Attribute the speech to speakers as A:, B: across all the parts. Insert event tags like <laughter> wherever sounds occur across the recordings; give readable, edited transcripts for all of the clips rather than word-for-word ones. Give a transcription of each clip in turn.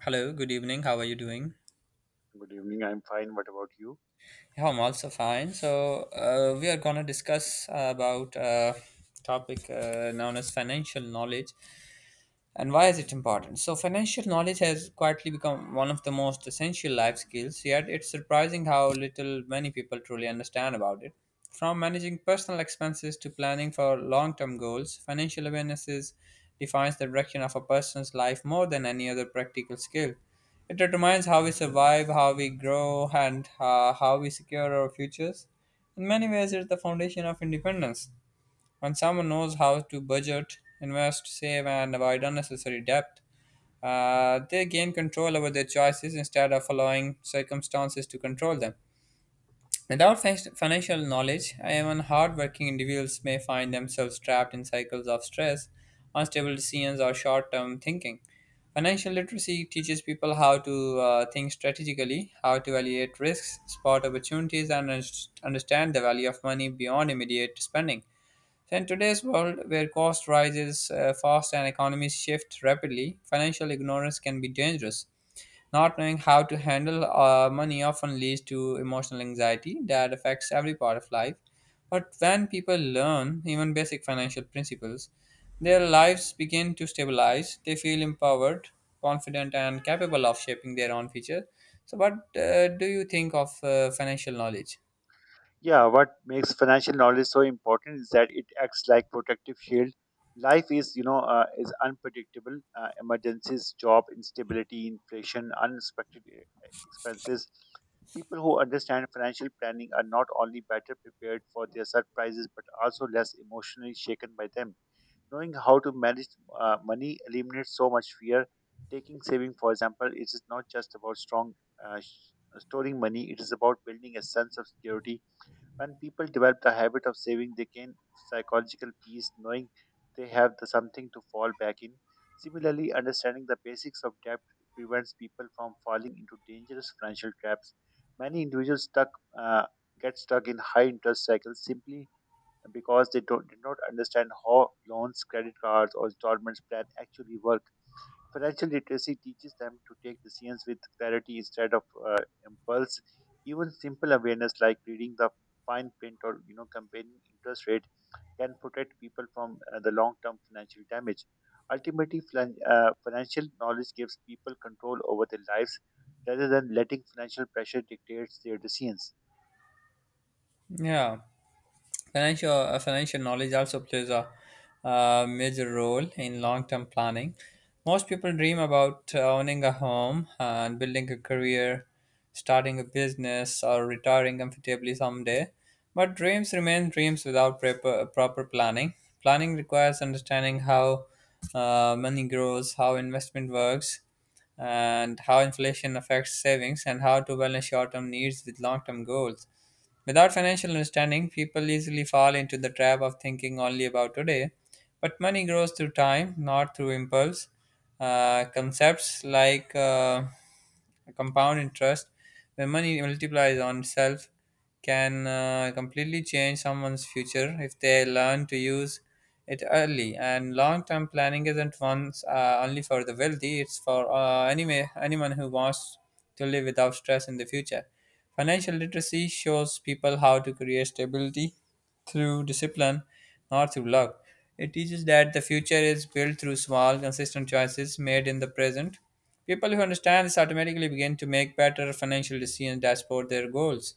A: Hello, good evening. How are you doing?
B: Good evening. I'm fine. What about you?
A: Yeah, I'm also fine. So we are gonna discuss about topic known as financial knowledge. And why is it important? So, financial knowledge has quietly become one of the most essential life skills, yet, it's surprising how little many people truly understand about it. From managing personal expenses to planning for long term goals, financial awareness defines the direction of a person's life more than any other practical skill. It determines how we survive, how we grow, and how we secure our futures. In many ways, it's the foundation of independence. When someone knows how to budget, invest, save, and avoid unnecessary debt, they gain control over their choices instead of allowing circumstances to control them. Without financial knowledge, even hardworking individuals may find themselves trapped in cycles of stress, unstable decisions, or short term thinking. Financial literacy teaches people how to think strategically, how to evaluate risks, spot opportunities, and understand the value of money beyond immediate spending. So in today's world, where cost rises fast and economies shift rapidly, financial ignorance can be dangerous. Not knowing how to handle money often leads to emotional anxiety that affects every part of life. But when people learn even basic financial principles, their lives begin to stabilize. They feel empowered, confident, and capable of shaping their own future. So, what do you think of financial knowledge?
B: Yeah, what makes financial knowledge so important is that it acts like protective shield. Life is, you know, is unpredictable. Emergencies, job instability, inflation, unexpected expenses. People who understand financial planning are not only better prepared for their surprises but also less emotionally shaken by them. Knowing how to manage money eliminates so much fear. Taking saving, for example, it is not just about strong uh, sh- storing money. It is about building a sense of security. When people develop the habit of saving, they gain psychological peace, knowing they have the something to fall back in. Similarly, understanding the basics of debt prevents people from falling into dangerous financial traps. Many individuals stuck uh, get stuck in high interest cycles simply because they don't, did not understand how loans, credit cards, or installments plan actually work. Financial literacy teaches them to take decisions with clarity instead of uh, impulse. Even simple awareness like reading the fine print or you know comparing interest rate can protect people from the long-term financial damage. Ultimately, financial knowledge gives people control over their lives rather than letting financial pressure dictate their decisions.
A: Yeah. Financial knowledge also plays a major role in long-term planning. Most people dream about owning a home and building a career, starting a business, or retiring comfortably someday. But dreams remain dreams without proper planning. Planning requires understanding how money grows, how investment works, and how inflation affects savings, and how to balance short-term needs with long-term goals. Without financial understanding, people easily fall into the trap of thinking only about today. But money grows through time, not through impulse. Concepts like compound interest, when money multiplies on itself, can completely change someone's future if they learn to use it early. And long-term planning isn't once only for the wealthy; it's for anyway anyone who wants to live without stress in the future. Financial literacy shows people how to create stability through discipline, not through luck. It teaches that the future is built through small, consistent choices made in the present. People who understand this automatically begin to make better financial decisions that support their goals.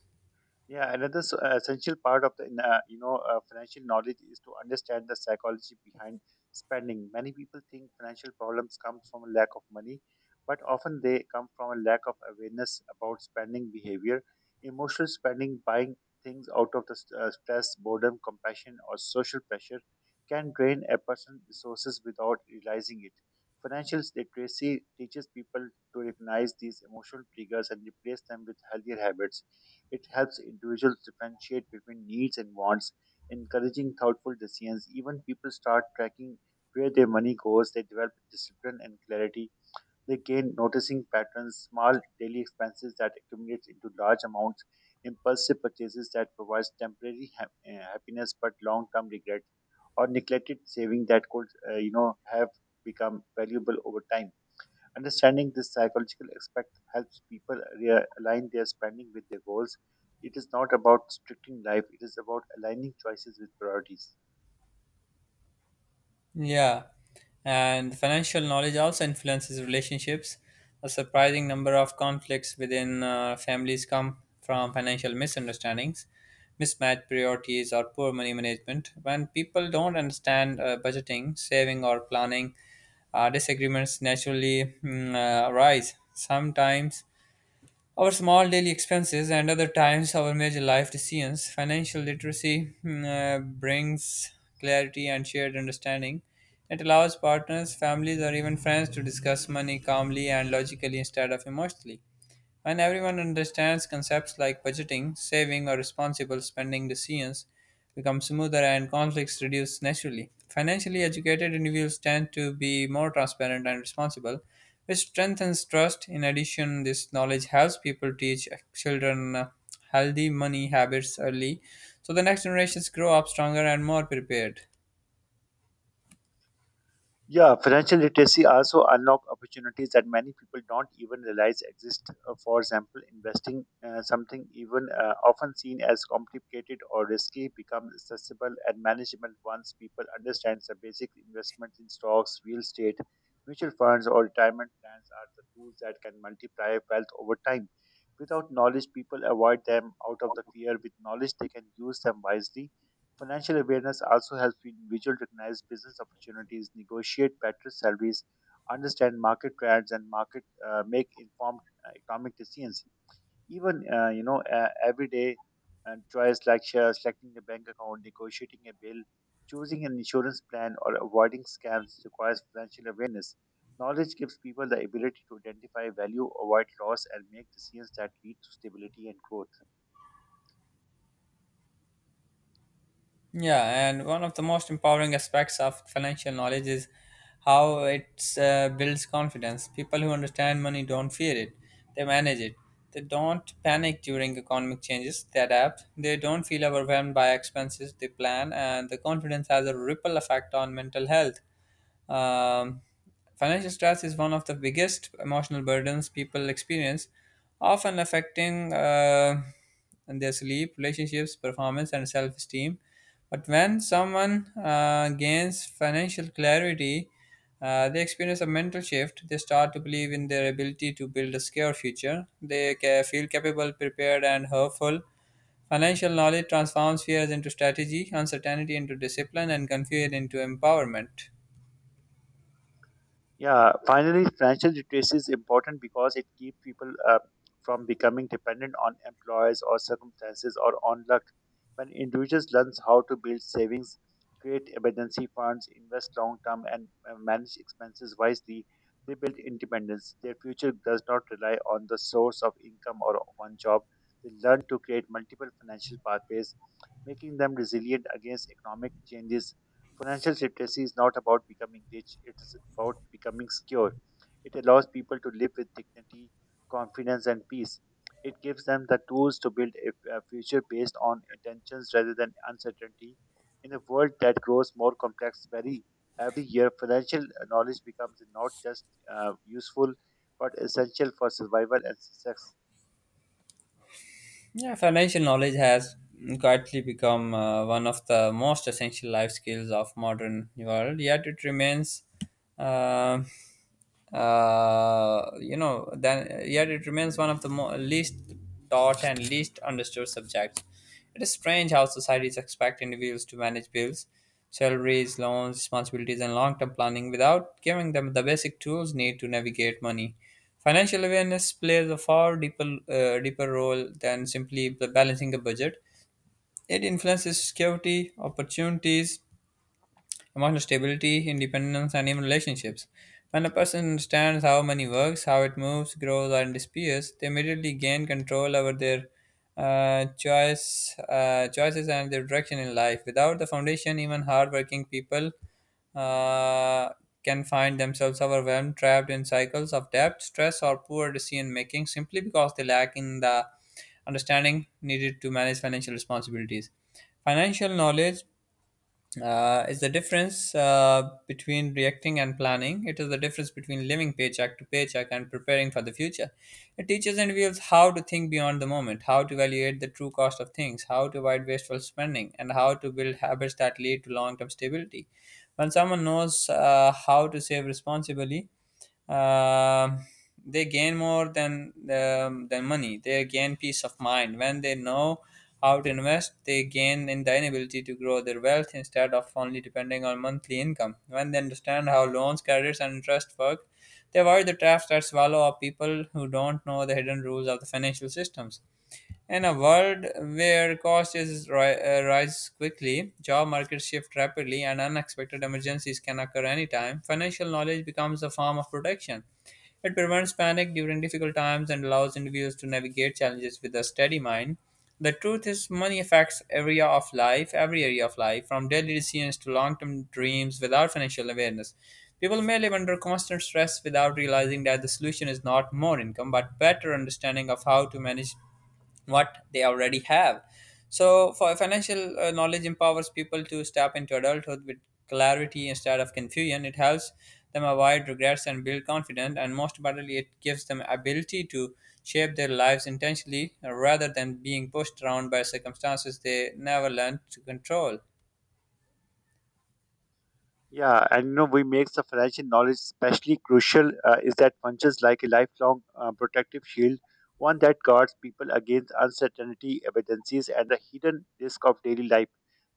B: Yeah, another essential part of the you know financial knowledge is to understand the psychology behind spending. Many people think financial problems come from a lack of money, but often they come from a lack of awareness about spending behavior. Emotional spending, buying things out of stress, boredom, compassion, or social pressure, can drain a person's resources without realizing it. Financial literacy teaches people to recognize these emotional triggers and replace them with healthier habits. It helps individuals differentiate between needs and wants, encouraging thoughtful decisions. Even people start tracking where their money goes, they develop discipline and clarity. They gain noticing patterns, small daily expenses that accumulate into large amounts, impulsive purchases that provides temporary happiness but long-term regret, or neglected saving that could, you know, have become valuable over time. Understanding this psychological aspect helps people realign their spending with their goals. It is not about restricting life, it is about aligning choices with priorities.
A: Yeah, and financial knowledge also influences relationships. A surprising number of conflicts within families come from financial misunderstandings, mismatched priorities, or poor money management. When people don't understand budgeting, saving, or planning, disagreements naturally arise. Sometimes our small daily expenses and other times our major life decisions. Financial literacy brings clarity and shared understanding. It allows partners, families, or even friends to discuss money calmly and logically instead of emotionally. When everyone understands concepts like budgeting, saving, or responsible spending, decisions become smoother and conflicts reduce naturally. Financially educated individuals tend to be more transparent and responsible, which strengthens trust. In addition, this knowledge helps people teach children healthy money habits early so the next generations grow up stronger and more prepared.
B: Yeah, financial literacy also unlock opportunities that many people don't even realize exist. For example, investing something even often seen as complicated or risky becomes accessible and manageable once people understand the basic investments in stocks, real estate, mutual funds, or retirement plans are the tools that can multiply wealth over time. Without knowledge, people avoid them out of the fear. With knowledge, they can use them wisely. Financial awareness also helps individuals recognize business opportunities, negotiate better salaries, understand market trends, and market make informed economic decisions. Even you know everyday choice like selecting a bank account, negotiating a bill, choosing an insurance plan, or avoiding scams requires financial awareness. Knowledge gives people the ability to identify value, avoid loss, and make decisions that lead to stability and growth.
A: Yeah, and one of the most empowering aspects of financial knowledge is how it builds confidence. People who understand money don't fear it, they manage it. They don't panic during economic changes, they adapt. They don't feel overwhelmed by expenses, they plan, and the confidence has a ripple effect on mental health. Um, Financial stress is one of the biggest emotional burdens people experience, often affecting their sleep, relationships, performance, and self esteem. But when someone gains financial clarity, they experience a mental shift. They start to believe in their ability to build a secure future. They feel capable, prepared, and hopeful. Financial knowledge transforms fears into strategy, uncertainty into discipline, and confusion into empowerment.
B: Yeah, finally, financial literacy is important because it keeps people from becoming dependent on employers or circumstances or on luck. When individuals learn how to build savings, create emergency funds, invest long term, and manage expenses wisely, they build independence. Their future does not rely on the source of income or one job. They learn to create multiple financial pathways, making them resilient against economic changes. Financial literacy is not about becoming rich, it is about becoming secure. It allows people to live with dignity, confidence, and peace. It gives them the tools to build a future based on intentions rather than uncertainty. In a world that grows more complex very every year, financial knowledge becomes not just useful but essential for survival and success.
A: Yeah, financial knowledge has quietly become one of the most essential life skills of modern world. Yet it remains, uh, you know, then yet it remains one of the least taught and least understood subjects. It is strange how societies expect individuals to manage bills, salaries, loans, responsibilities, and long-term planning without giving them the basic tools needed to navigate money. Financial awareness plays a far deeper role than simply balancing a budget. It influences security, opportunities, emotional stability, independence, and even relationships. When a person understands how money works, how it moves, grows, and disappears, they immediately gain control over their choices and their direction in life. Without the foundation, even hardworking people uh, can find themselves overwhelmed, trapped in cycles of debt, stress, or poor decision making simply because they lack in the understanding needed to manage financial responsibilities. Financial knowledge is the difference between reacting and planning. It is the difference between living paycheck to paycheck and preparing for the future. It teaches individuals how to think beyond the moment, how to evaluate the true cost of things, how to avoid wasteful spending, and how to build habits that lead to long term stability. When someone knows how to save responsibly, um they gain more than money. They gain peace of mind when they know how to invest. They gain in the ability to grow their wealth instead of only depending on monthly income. When they understand how loans, credits, and interest work, they avoid the traps that swallow up people who don't know the hidden rules of the financial systems. In a world where cost is rise quickly, job markets shift rapidly, and unexpected emergencies can occur anytime, financial knowledge becomes a form of protection. It prevents panic during difficult times and allows individuals to navigate challenges with a steady mind. The truth is, money affects area of life, every area of life, from daily decisions to long-term dreams. Without financial awareness, people may live under constant stress without realizing that the solution is not more income, but better understanding of how to manage what they already have. So, for financial knowledge empowers people to step into adulthood with clarity instead of confusion. It helps them avoid regrets and build confidence, and most importantly, it gives them ability to shape their lives intentionally rather than being pushed around by circumstances they never learned to control.
B: Yeah, and you know, we makes the financial knowledge especially crucial is that functions like a lifelong protective shield, one that guards people against uncertainty, evidences, and the hidden risk of daily life.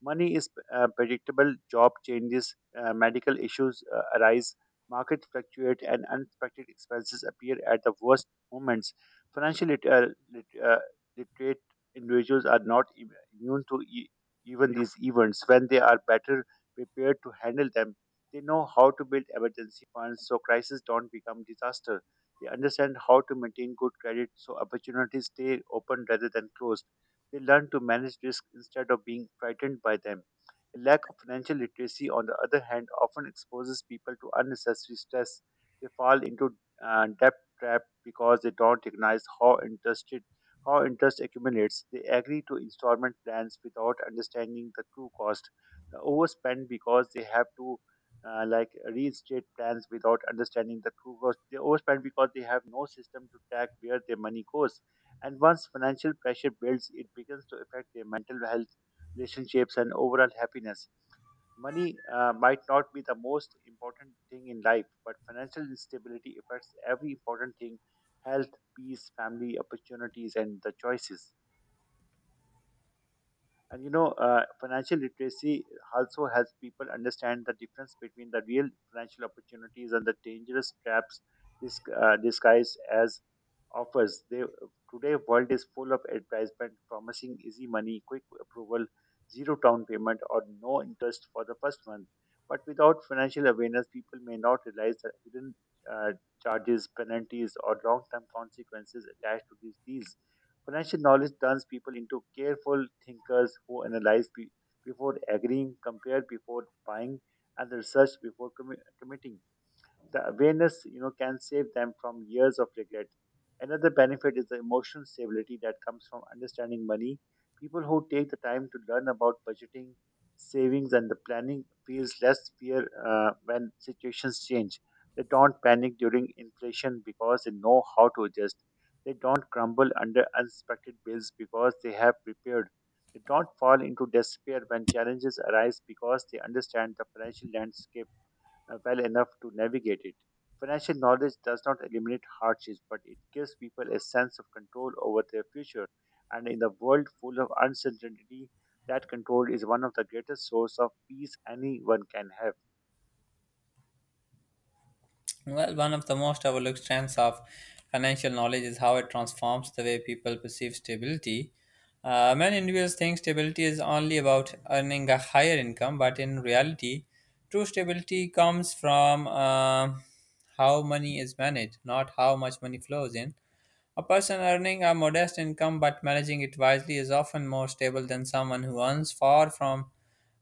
B: Money is predictable, job changes, medical issues arise, markets fluctuate, and unexpected expenses appear at the worst moments. Financial lit- uh, literate individuals are not immune to even these events when they are better prepared to handle them. They know how to build emergency funds so crises don't become disaster. They understand how to maintain good credit so opportunities stay open rather than closed. They learn to manage risk instead of being frightened by them. A lack of financial literacy, on the other hand, often exposes people to unnecessary stress. They fall into debt trap because they don't recognize how interest accumulates. They agree to installment plans without understanding the true cost overspend because they have to like restate plans without understanding the true cost. They overspend because they have no system to track where their money goes. And once financial pressure builds, it begins to affect their mental health, relationships, and overall happiness. Money might not be the most important thing in life, but financial instability affects every important thing health, peace, family, opportunities, and the choices. And you know, financial literacy also helps people understand the difference between the real financial opportunities and the dangerous traps disguised as offers. They, today, world is full of advertisement promising easy money, quick approval, zero down payment, or no interest for the first month. But without financial awareness, people may not realize the hidden uh, charges, penalties, or long-term consequences attached to these deals. Financial knowledge turns people into careful thinkers who analyze before agreeing, compare before buying, and research before committing. The awareness, you know, can save them from years of regret. Another benefit is the emotional stability that comes from understanding money. People who take the time to learn about budgeting, savings, and the planning feels less fear when situations change. They don't panic during inflation because they know how to adjust. They don't crumble under unexpected bills because they have prepared. They don't fall into despair when challenges arise because they understand the financial landscape well enough to navigate it. Financial knowledge does not eliminate hardships, but it gives people a sense of control over their future. And in a world full of uncertainty, that control is one of the greatest sources of peace anyone can have.
A: Well, one of the most overlooked strengths of financial knowledge is how it transforms the way people perceive stability. Many individuals think stability is only about earning a higher income, but in reality, true stability comes from how money is managed, not how much money flows in. A person earning a modest income but managing it wisely is often more stable than someone who earns far from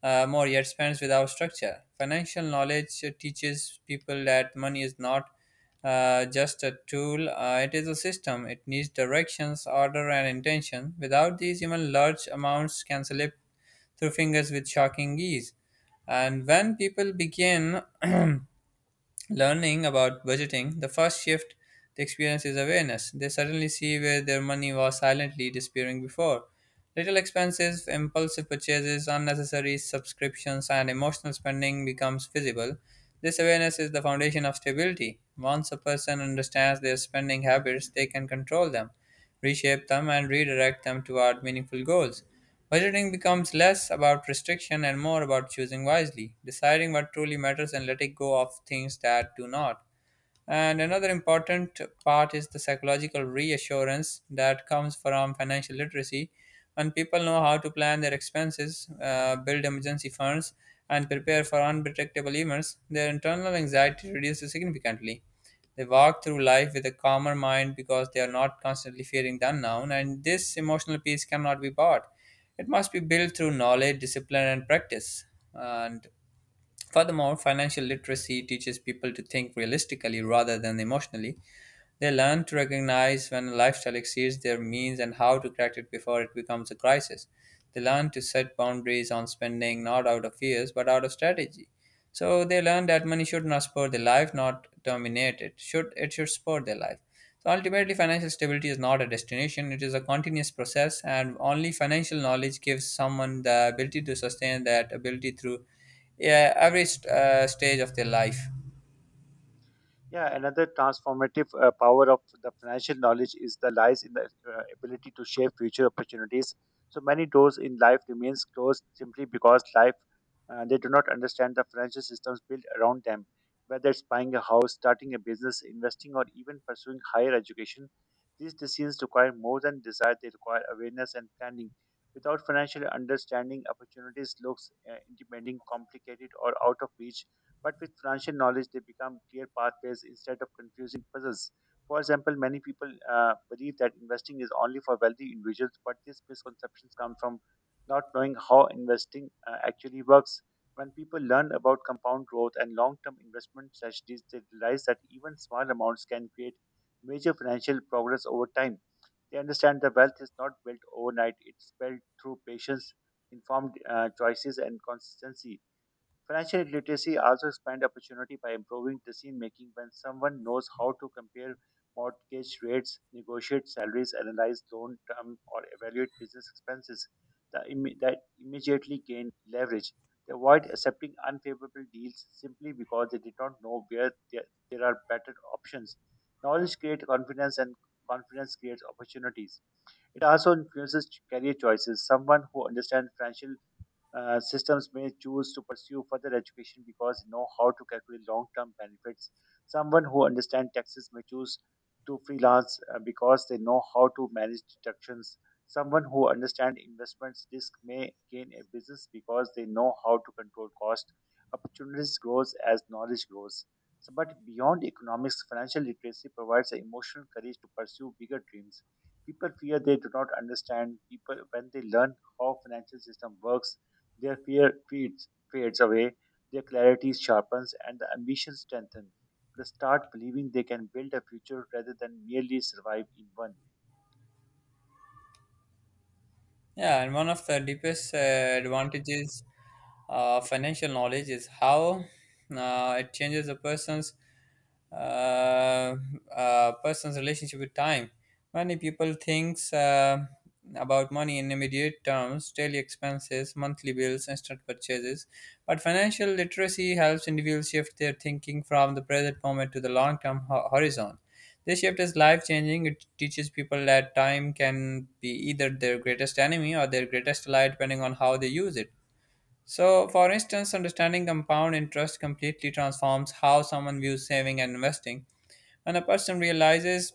A: more yet spends without structure. Financial knowledge teaches people that money is not just a tool, it is a system. It needs directions, order, and intention. Without these, even large amounts can slip through fingers with shocking ease. And when people begin <clears throat> learning about budgeting, the first shift they experience is awareness. They suddenly see where their money was silently disappearing before. Little expenses, impulsive purchases, unnecessary subscriptions, and emotional spending becomes visible. This awareness is the foundation of stability. Once a person understands their spending habits, they can control them, reshape them, and redirect them toward meaningful goals. Budgeting becomes less about restriction and more about choosing wisely, deciding what truly matters and letting go of things that do not. And another important part is the psychological reassurance that comes from financial literacy. When people know how to plan their expenses, build emergency funds, and prepare for unpredictable events, their internal anxiety reduces significantly. They walk through life with a calmer mind because they are not constantly fearing the unknown, and this emotional peace cannot be bought. It must be built through knowledge, discipline, and practice. And Furthermore, financial literacy teaches people to think realistically rather than emotionally. They learn to recognize when a lifestyle exceeds their means and how to correct it before it becomes a crisis. They learn to set boundaries on spending not out of fears but out of strategy. So they learn that money should not support their life, not dominate it. Should support their life. So ultimately, financial stability is not a destination; it is a continuous process, and only financial knowledge gives someone the ability to sustain that ability through every stage of their life.
B: Yeah, another transformative power of the financial knowledge is the lies in the ability to shape future opportunities. So many doors in life remains closed simply because life they do not understand the financial systems built around them. Whether it's buying a house, starting a business, investing, or even pursuing higher education, these decisions require more than desire. They require awareness and planning. Without financial understanding, opportunities looks intimidating, complicated, or out of reach but with financial knowledge, they become clear pathways instead of confusing puzzles. For example, many people believe that investing is only for wealthy individuals, but these misconceptions come from not knowing how investing actually works. When people learn about compound growth and long term investment strategies, they realize that even small amounts can create major financial progress over time. They understand that wealth is not built overnight, it's built through patience, informed choices, and consistency. Financial literacy also expands opportunity by improving decision making when someone knows how to compare mortgage rates, negotiate salaries, analyze loan term, or evaluate business expenses. That immediately gain leverage. They avoid accepting unfavorable deals simply because they did not know there are better options. Knowledge creates confidence, and confidence creates opportunities. It also influences career choices. Someone who understands financial systems may choose to pursue further education because they know how to calculate long term benefits. Someone who understands taxes may choose to freelance because they know how to manage deductions. Someone who understands investments risk may gain a business because they know how to control cost. Opportunities grows as knowledge grows. So, but beyond economics, financial literacy provides the emotional courage to pursue bigger dreams. People fear they do not understand people when they learn how financial system works their fear fades away, their clarity sharpens, and the ambition strengthens. They start believing they can build a future rather than merely survive in one.
A: Yeah, and one of the deepest advantages financial knowledge is how it changes a uh, person's relationship with time. Many people thinks about money in immediate terms, daily expenses, monthly bills, instant purchases. But financial literacy helps individuals shift their thinking from the present moment to the long-term horizon. This shift is life changing. It teaches people that time can be either their greatest enemy or their greatest ally, depending on how they use it. So, for instance, understanding compound interest completely transforms how someone views saving and investing. When a person realizes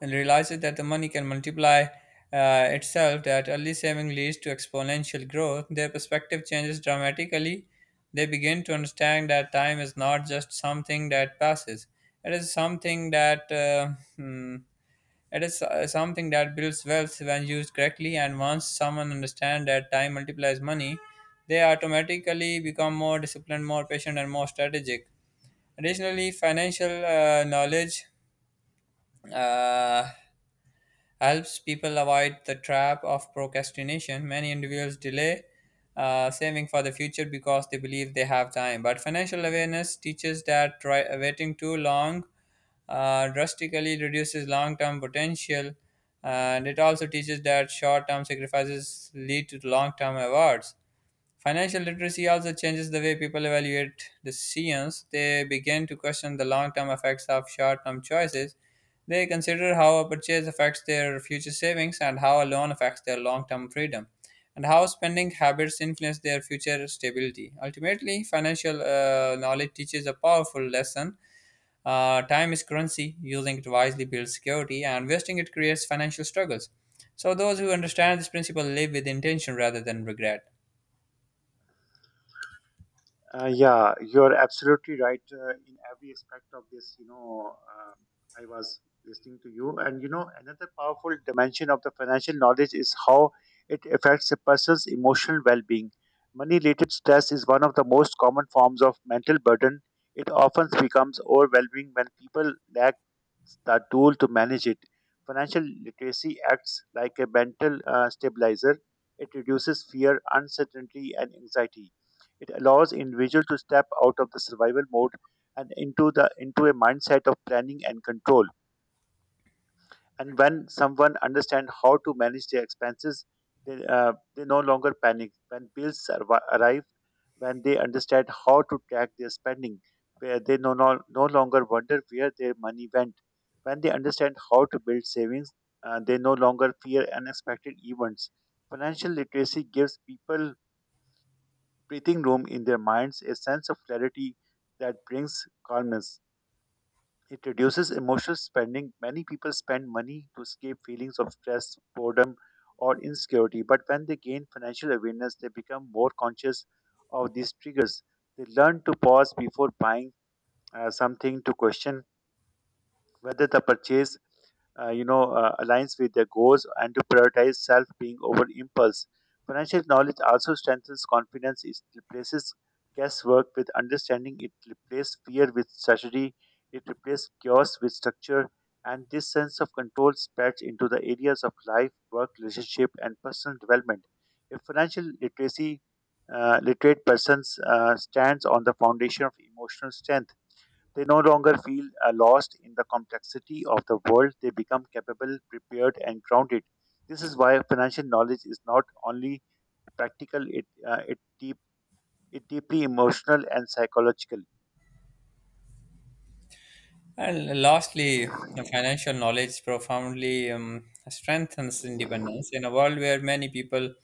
A: and realizes that the money can multiply itself, that early saving leads to exponential growth, their perspective changes dramatically. They begin to understand that time is not just something that passes, it is something that it is something that builds wealth when used correctly. And once someone understands that time multiplies money, they automatically become more disciplined, more patient, and more strategic. Additionally, financial knowledge uh, helps people avoid the trap of procrastination. Many individuals delay saving for the future because they believe they have time. But financial awareness teaches that waiting too long drastically reduces long term potential, and it also teaches that short term sacrifices lead to long term rewards. Financial literacy also changes the way people evaluate decisions. They begin to question the long term effects of short term choices. They consider how a purchase affects their future savings and how a loan affects their long term freedom, and how spending habits influence their future stability. Ultimately, financial knowledge teaches a powerful lesson. Time is currency, using it wisely builds security, and wasting it creates financial struggles. So, those who understand this principle live with intention rather than regret.
B: Yeah, you're absolutely right in every aspect of this. You know, I was listening to you, and you know, another powerful dimension of the financial knowledge is how it affects a person's emotional well being. Money related stress is one of the most common forms of mental burden. It often becomes overwhelming when people lack the tool to manage it. Financial literacy acts like a mental stabilizer, it reduces fear, uncertainty, and anxiety it allows individual to step out of the survival mode and into a mindset of planning and control. And when someone understands how to manage their expenses, they no longer panic. When bills arrive, when they understand how to track their spending, where they no longer wonder where their money went. When they understand how to build savings, they no longer fear unexpected events. Financial literacy gives people breathing room in their minds, a sense of clarity that brings calmness. It reduces emotional spending. Many people spend money to escape feelings of stress, boredom, or insecurity, but when they gain financial awareness, they become more conscious of these triggers. They learn to pause before buying something, to question whether the purchase aligns with their goals, and to prioritize self being over impulse. Financial knowledge also strengthens confidence. It replaces guesswork with understanding, it replaces fear with strategy, it replaces chaos with structure, and this sense of control spreads into the areas of life, work, relationship, and personal development. If financial literacy Literate persons stands on the foundation of emotional strength. They no longer feel lost in the complexity of the world. They become capable, prepared, and grounded. This is why financial knowledge is not only practical; it it deep it deeply emotional and psychological.
A: And lastly, the financial knowledge profoundly strengthens independence. In a world where many people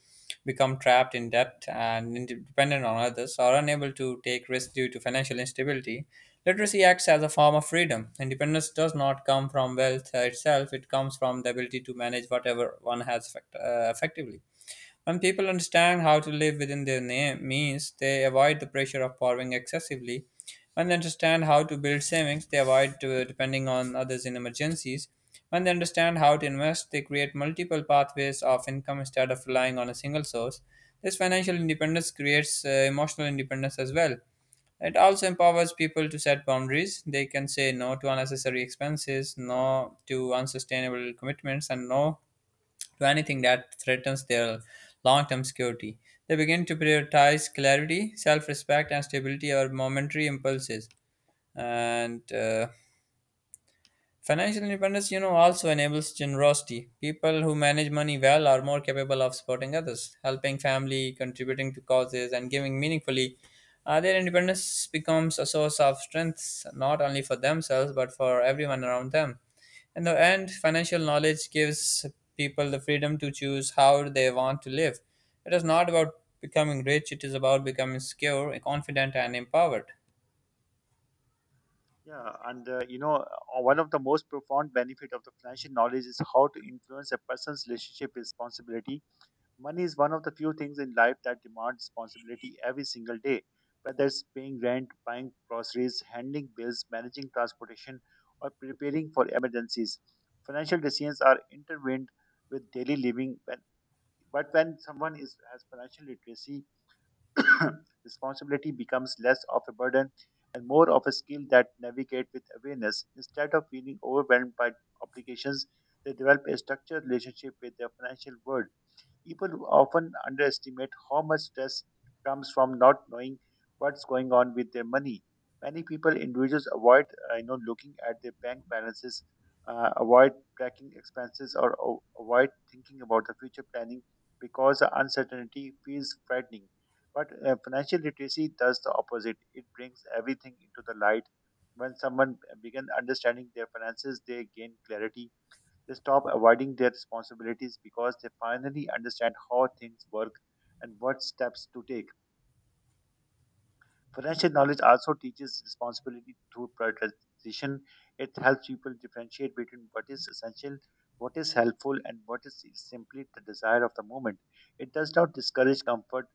A: become trapped in debt and dependent on others, or unable to take risks due to financial instability, literacy acts as a form of freedom. Independence does not come from wealth itself; it comes from the ability to manage whatever one has effectively. When people understand how to live within their name, means, they avoid the pressure of borrowing excessively. When they understand how to build savings, they avoid depending on others in emergencies. When they understand how to invest, they create multiple pathways of income instead of relying on a single source. This financial independence creates emotional independence as well. It also empowers people to set boundaries. They can say no to unnecessary expenses, no to unsustainable commitments, and no to anything that threatens their long term security. They begin to prioritize clarity, self respect, and stability over momentary impulses. And Financial independence, you know, also enables generosity. People who manage money well are more capable of supporting others, helping family, contributing to causes, and giving meaningfully. Their independence becomes a source of strength not only for themselves but for everyone around them. In the end, financial knowledge gives people the freedom to choose how they want to live. It is not about becoming rich, it is about becoming secure, confident, and empowered.
B: Yeah, and one of the most profound benefit of the financial knowledge is how to influence a person's relationship with responsibility. Money is one of the few things in life that demand responsibility every single day, whether it's paying rent, buying groceries, handling bills, managing transportation, or preparing for emergencies. Financial decisions are intertwined with daily living, but when someone has financial literacy, <clears throat> responsibility becomes less of a burden and more of a skill that navigate with awareness. Instead of feeling overwhelmed by obligations, they develop a structured relationship with their financial world. People often underestimate how much stress comes from not knowing what's going on with their money. Many people, individuals, avoid looking at their bank balances, avoid tracking expenses, or avoid thinking about the future planning because the uncertainty feels frightening. But financial literacy does the opposite. It brings everything into the light. When someone begins understanding their finances, they gain clarity. They stop avoiding their responsibilities because they finally understand how things work and what steps to take. Financial knowledge also teaches responsibility through prioritization. It helps people differentiate between what is essential, what is helpful, and what is simply the desire of the moment. It does not discourage comfort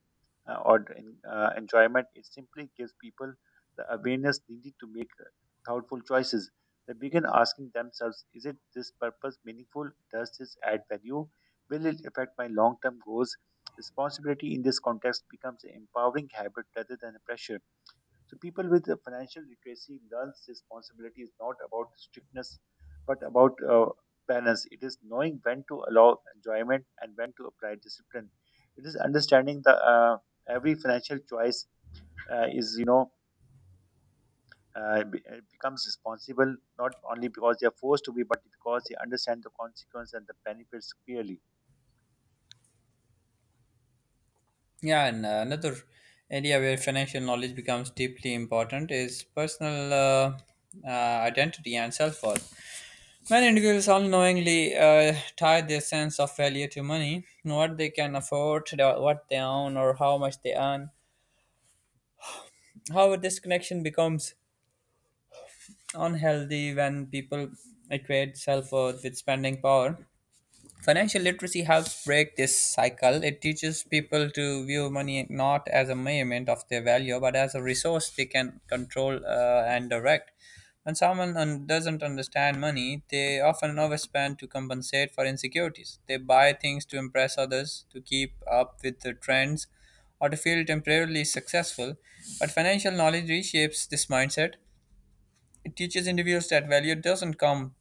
B: or enjoyment. It simply gives people the awareness needed to make thoughtful choices. They begin asking themselves, is it this purpose meaningful? Does this add value? Will it affect my long term goals? Responsibility in this context becomes an empowering habit rather than a pressure. So people with the financial literacy learns responsibility is not about strictness, but about balance. It is knowing when to allow enjoyment and when to apply discipline. It is understanding the every financial choice is you know be- becomes responsible not only because they are forced to be, but because they understand the consequence and the benefits clearly.
A: Yeah, and another area where financial knowledge becomes deeply important is personal identity and self worth. Many individuals unknowingly tie their sense of value to money, what they can afford, what they own, or how much they earn. However, this connection becomes unhealthy when people equate self worth with spending power. Financial literacy helps break this cycle. It teaches people to view money not as a measurement of their value, but as a resource they can control and direct. When doesn't understand money, they often overspend to compensate for insecurities. They buy things to impress others, to keep up with the trends, or to feel temporarily successful. But financial knowledge reshapes this mindset. It teaches individuals that value doesn't come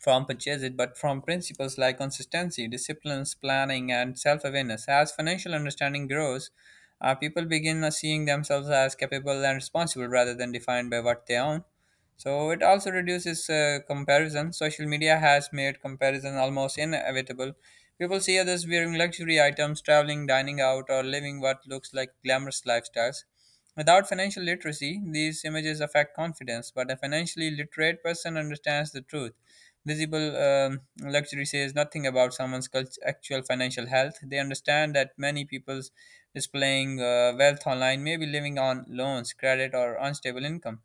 A: from purchases but from principles like consistency, disciplines, planning, and self awareness. As financial understanding grows, people begin seeing themselves as capable and responsible rather than defined by what they own. So it also reduces comparison. Social media has made comparison almost inevitable. People see others wearing luxury items, traveling, dining out, or living what looks like glamorous lifestyles. Without financial literacy, these images affect confidence, but a financially literate person understands the truth. Visible luxury says nothing about someone's actual financial health. They understand that many people's displaying wealth online may be living on loans, credit, or unstable income.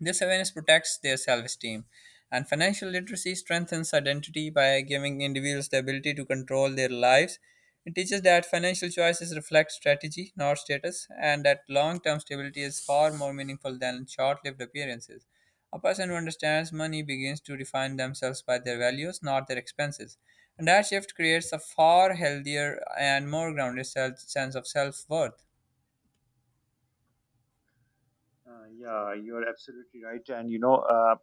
A: This awareness protects their self esteem, and financial literacy strengthens identity by giving individuals the ability to control their lives. It teaches that financial choices reflect strategy, not status, and that long term stability is far more meaningful than short lived appearances. A person who understands money begins to define themselves by their values, not their expenses. And that shift creates a far healthier and more grounded sense of self worth.
B: Yeah, you are absolutely right, and you know.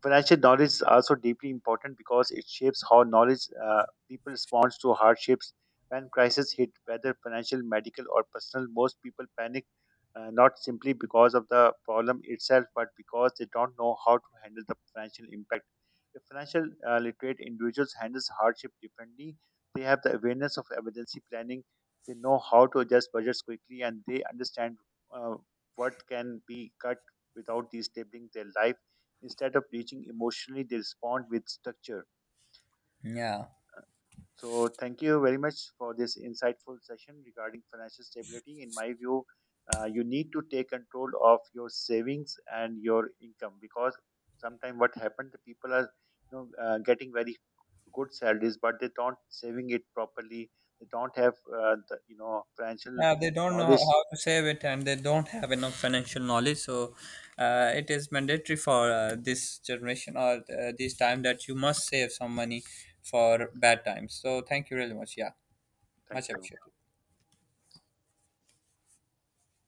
B: Financial knowledge is also deeply important because it shapes how knowledge people respond to hardships. When crises hit, whether financial, medical, or personal, most people panic, not simply because of the problem itself, but because they don't know how to handle the financial impact. If financial literate individuals handles hardship differently, they have the awareness of emergency planning. They know how to adjust budgets quickly, and they understand uh, what can be cut without disabling their life. Instead of reaching emotionally, they respond with structure.
A: Yeah.
B: So, thank you very much for this insightful session regarding financial stability. In my view, you need to take control of your savings and your income, because sometimes what happens, the people are getting very good salaries, but they don't saving it properly. They don't have the, you know financial
A: Yeah, they don't know
B: knowledge.
A: how to save it and they don't have enough financial knowledge. So, it is mandatory for this generation or this time that you must save some money for bad times. So, thank you really much. Yeah, much
B: Thank you.
A: appreciated.